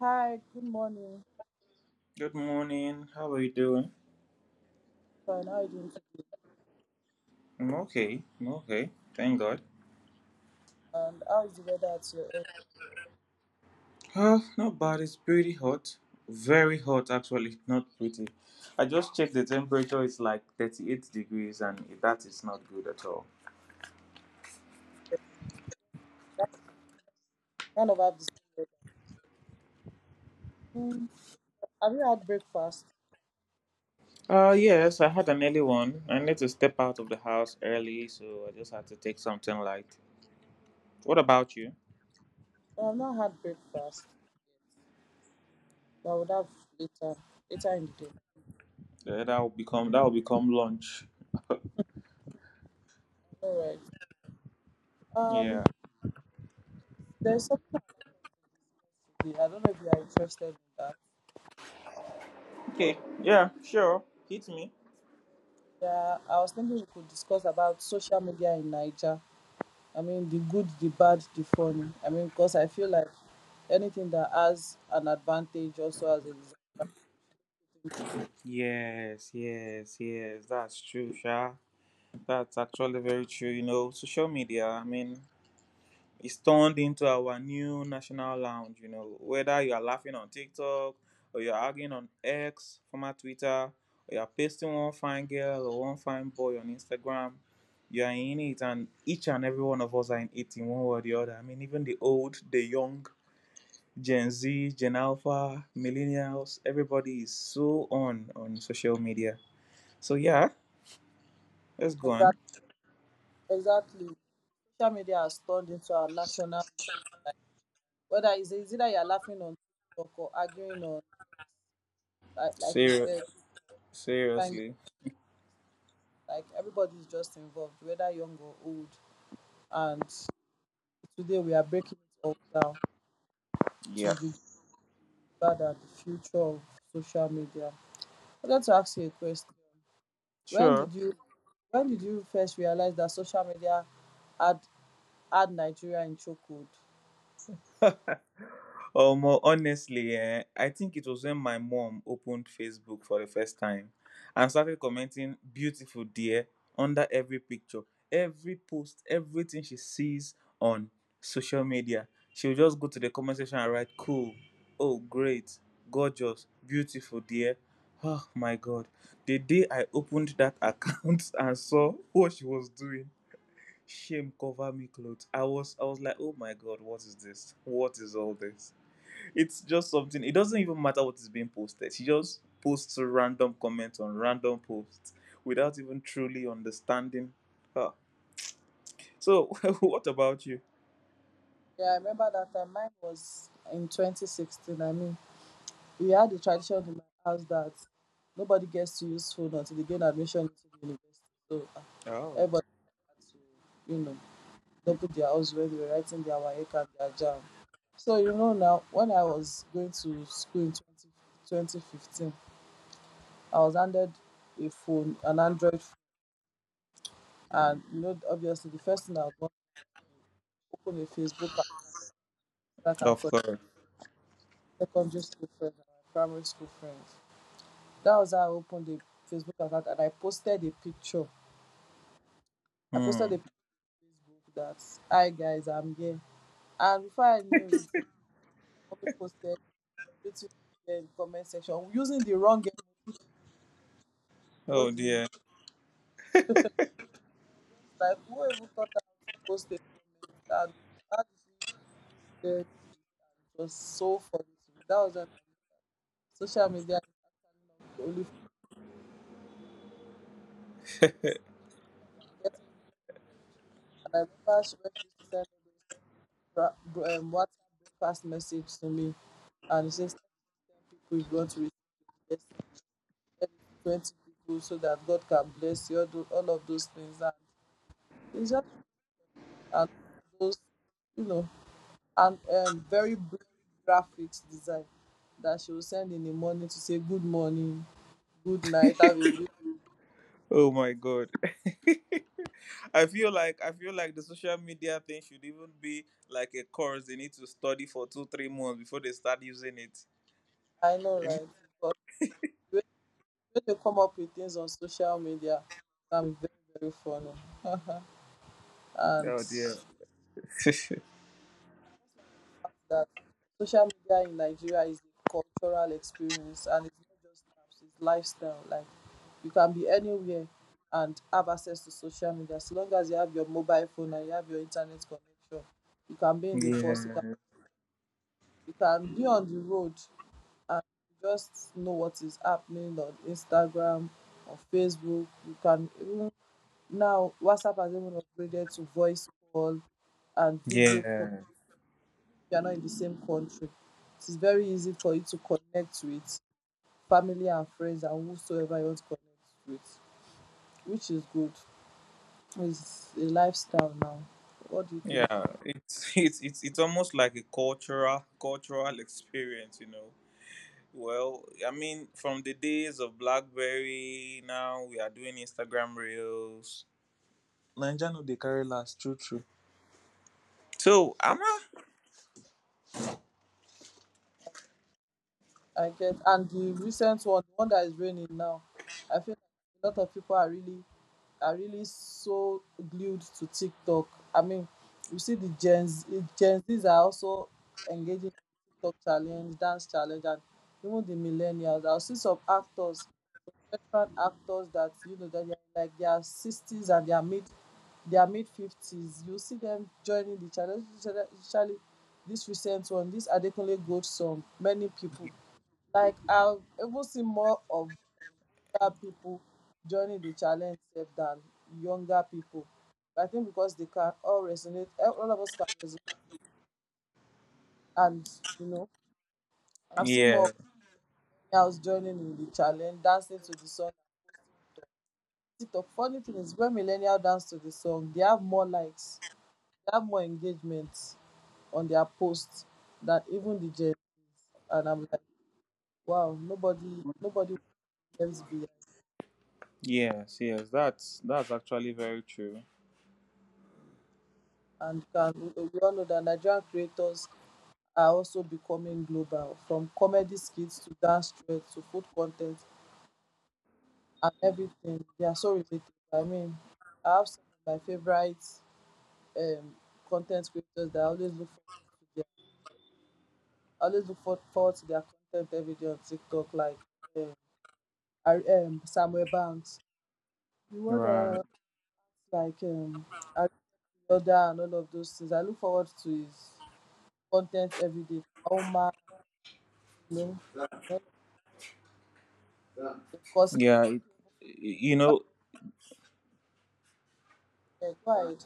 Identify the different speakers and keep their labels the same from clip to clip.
Speaker 1: Hi, good morning.
Speaker 2: Good morning. How are you doing?
Speaker 1: Fine, how are you doing today?
Speaker 2: I'm okay. I'm okay. Thank God.
Speaker 1: And how is the weather at your end?
Speaker 2: Not bad. It's pretty hot. Very hot, actually. Not pretty. I just checked the temperature. It's like 38 degrees, and that is not good at all.
Speaker 1: That's Kind of have the same weather. Mm, have you had breakfast?
Speaker 2: Yes, I had an early one. I need to step out of the house early, so I just had to take something light. What about you?
Speaker 1: I have not had breakfast yet, but I would have later, later in the day.
Speaker 2: Yeah, that will become lunch.
Speaker 1: All right. Um,
Speaker 2: Yeah.
Speaker 1: there's something I'd like us to discuss today. I don't know if you are interested in that.
Speaker 2: Okay. Yeah. Sure. Hit me.
Speaker 1: Yeah, I was thinking we could discuss about social media in Nigeria. I mean, the good, the bad, the funny. I mean, because I feel like anything that has an advantage also has a disadvantage.
Speaker 2: Yes. Yes. Yes. That's true, Sha. That's actually very true. Social media, I mean, it's turned into our new national lounge. Whether you are laughing on TikTok or you're arguing on X, former Twitter, or you're pasting one fine girl or one fine boy on Instagram, you are in it, and each and every one of us are in it in one way or the other. I mean, even the old, the young, Gen Z, Gen Alpha, millennials, everybody is so on social media. So, yeah, let's go on.
Speaker 1: Exactly. Exactly. Social media has turned into a national. Like, whether it's either you're laughing on TikTok or arguing on, like you
Speaker 2: Ser-
Speaker 1: said, trying-
Speaker 2: Seriously.
Speaker 1: like everybody's just involved, whether young or old. And today we are breaking it all down to
Speaker 2: Yeah,
Speaker 1: the bad, and the future of social media. I'd like to ask you a question. When
Speaker 2: sure.
Speaker 1: did you when did you first realize that social media had had Nigeria in chokehold?
Speaker 2: Well, honestly, I think it was when my mom opened Facebook for the first time and started commenting "beautiful dear" under every picture, every post, everything she sees on social media. She would just go to the comment section and write "cool," "oh great," "gorgeous," "beautiful dear." Oh my God! The day I opened that account and saw what she was doing, shame cover me clothes. I was like, oh my God, what is this? What is all this? It's just something. It doesn't even matter what is being posted. She just posts random comments on random posts without even truly understanding her. So what about you?
Speaker 1: Yeah, I remember that time. Mine was in 2016. I mean, we had the tradition in my house that nobody gets to use phone until they gain admission into the university. So
Speaker 2: Oh,
Speaker 1: everybody had to, you know, double their house when they were writing their WAEC and their JAM. So, you know, now when I was going to school in 20 2015, I was handed a phone, an Android. And you know, obviously, the first thing I want to open a Facebook account so I can
Speaker 2: of
Speaker 1: connect
Speaker 2: course.
Speaker 1: with secondary school friends and my primary school friends. That was how I opened the Facebook account and I posted a picture. I posted a
Speaker 2: Hmm.
Speaker 1: picture on Facebook that, hi guys, I'm here. And before I knew it, so, my mommy posted beautiful girl in the comment section using the wrong emoji. You know,
Speaker 2: Oh
Speaker 1: the I
Speaker 2: dear.
Speaker 1: was just like, who even thought I to post a comment? And how did she learned it, and it was so funny to me. That was when I knew that social media is actually not only for girls, it's also for men and they are getting involved. And I remember she, when she used to send all those WhatsApp broadcast message to me, and she said, send 10 people if you want to receive your blessing, send it to 20 people so that God can bless you, all, all of those things. And it's just funny. And all of those, you know, and very blurry graphics design that she will send in the morning to say good morning, good night, have a beautiful.
Speaker 2: Oh my God, I feel like the social media thing should even be like a course they need to study for two three months before they start using it.
Speaker 1: I know,
Speaker 2: It-
Speaker 1: right? But when when they come up with things on social media, I'm very funny, and
Speaker 2: oh dear.
Speaker 1: just like the fact that social media in Nigeria is a cultural experience and it's not just apps, it's lifestyle. Like you can be anywhere and have access to social media. So long as you have your mobile phone and you have your internet connection, you can be in the bus,
Speaker 2: Yeah,
Speaker 1: you can be on the road and you just know what is happening on Instagram, on Facebook. You can even now WhatsApp has even upgraded to voice call and video call
Speaker 2: yeah,
Speaker 1: if you are not in the same country. It is very easy for you to connect with family and friends and whosoever you want to connect with, which is good. It's a lifestyle now. What do you think?
Speaker 2: yeah. It's it's almost like a cultural experience. Well, I mean, from the days of BlackBerry, now we are doing Instagram Reels. Nigeria no dey carry last, true, true.
Speaker 1: For
Speaker 2: So,
Speaker 1: sure.
Speaker 2: am I?
Speaker 1: I get and the recent one, the one that is raining now, I feel like a lot of people are really so glued to TikTok. I mean, you see the Gen Z, Gen Zs are also engaging in TikTok challenge, dance challenge, and even the millennials. I'll see some actors veteran actors that you know that they're like their sixties and their mid fifties. You see them joining the challenge. Especially this recent one, this Adekunle Gold many people. Like I've even seen more of older people joining the challenge sef than younger people. I think because they can all resonate, eh, all of us can resonate, and you know, I've seen more
Speaker 2: Yeah,
Speaker 1: of millennials joining in the challenge, dancing to the song, TikTok. Funny thing is, when millennial dance to the song, they have more likes, they have more engagement on their posts than even the Gen Zs. And I'm like, wow, nobody left behind.
Speaker 2: yes, yes. That's actually very true.
Speaker 1: And can we all know that Nigerian creators are also becoming global, from comedy skits to dance trends to food content and everything. They are so related. I mean, I have some of my favorite um, content creators that I always look forward to their content every day on TikTok, like um, Samuel Banks, the one
Speaker 2: Right.
Speaker 1: that like Ari Yoda and all of those things. I look forward to his content every day. Oma, you know, and all of them. Because
Speaker 2: Yeah. It, you
Speaker 1: what
Speaker 2: know,
Speaker 1: is required,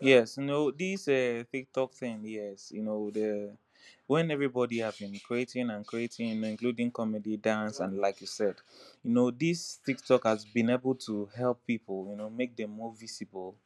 Speaker 2: Yes, this TikTok thing, yes, the when everybody have been creating and creating, including comedy, dance, and like you said, this TikTok has been able to help people, make them more visible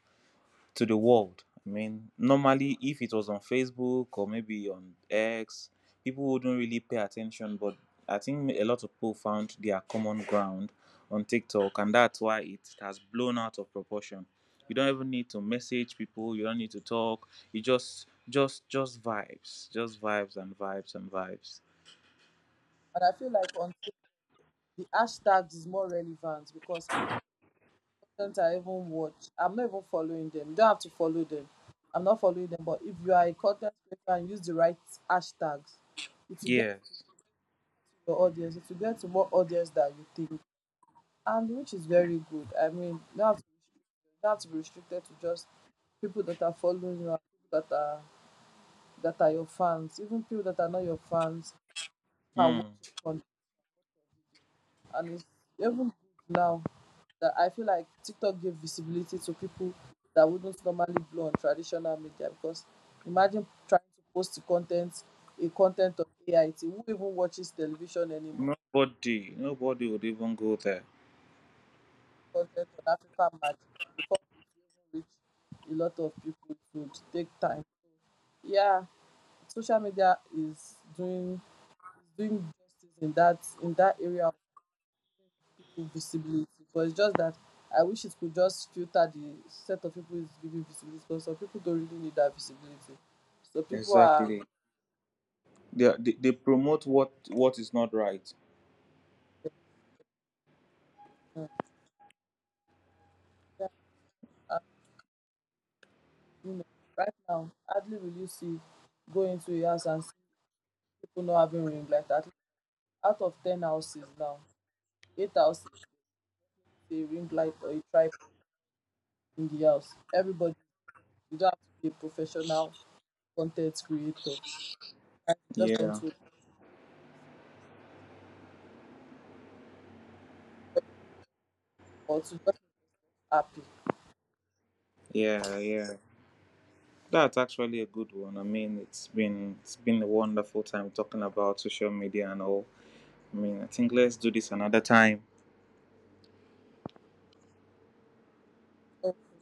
Speaker 2: to the world. I mean, normally, if it was on Facebook or maybe on X, people wouldn't really pay attention. But I think a lot of people found their common ground on TikTok, and that's why it has blown out of proportion. You don't even need to message people. You don't need to talk. You just vibes, just vibes and vibes and vibes.
Speaker 1: and I feel like on the hashtags is more relevant because content I even watch, I'm not even following them. You don't have to follow them. I'm not following them, but if you are a content creator and use the right hashtags, it will get
Speaker 2: Yes.
Speaker 1: to your audience, if you get to more audience than you think, and which is very good. I mean, you don't have to, be restricted, you don't have to be restricted to just people that are following you, and people that are your fans, even people that are not your fans can watch
Speaker 2: Mm.
Speaker 1: your content, and it's even good now that I feel like TikTok gave visibility to people that wouldn't normally blow on traditional media because imagine trying to post the content, a content on AIT. Who even watches television anymore?
Speaker 2: Nobody, nobody would even go there.
Speaker 1: Content on African Magic before it even reach a lot of people. It would take time. Yeah, social media is doing justice in that area of people visibility. But it's just that I wish it could just filter the set of people it's giving visibility. Because some people don't really need that visibility. So people are
Speaker 2: Exactly. They promote what is not right.
Speaker 1: mm, yeah, and, you know, right now hardly will you see go into a house and see people not having ring light. At least out of 10 houses now, 8 houses a ring light or a tripod in the house. Everybody, you don't have to be a professional content creator. You just want
Speaker 2: Yeah.
Speaker 1: to, or to just make yourself happy.
Speaker 2: Yeah, yeah. That's actually a good one. I mean, it's been a wonderful time talking about social media and all. I mean, I think let's do this another time.
Speaker 1: So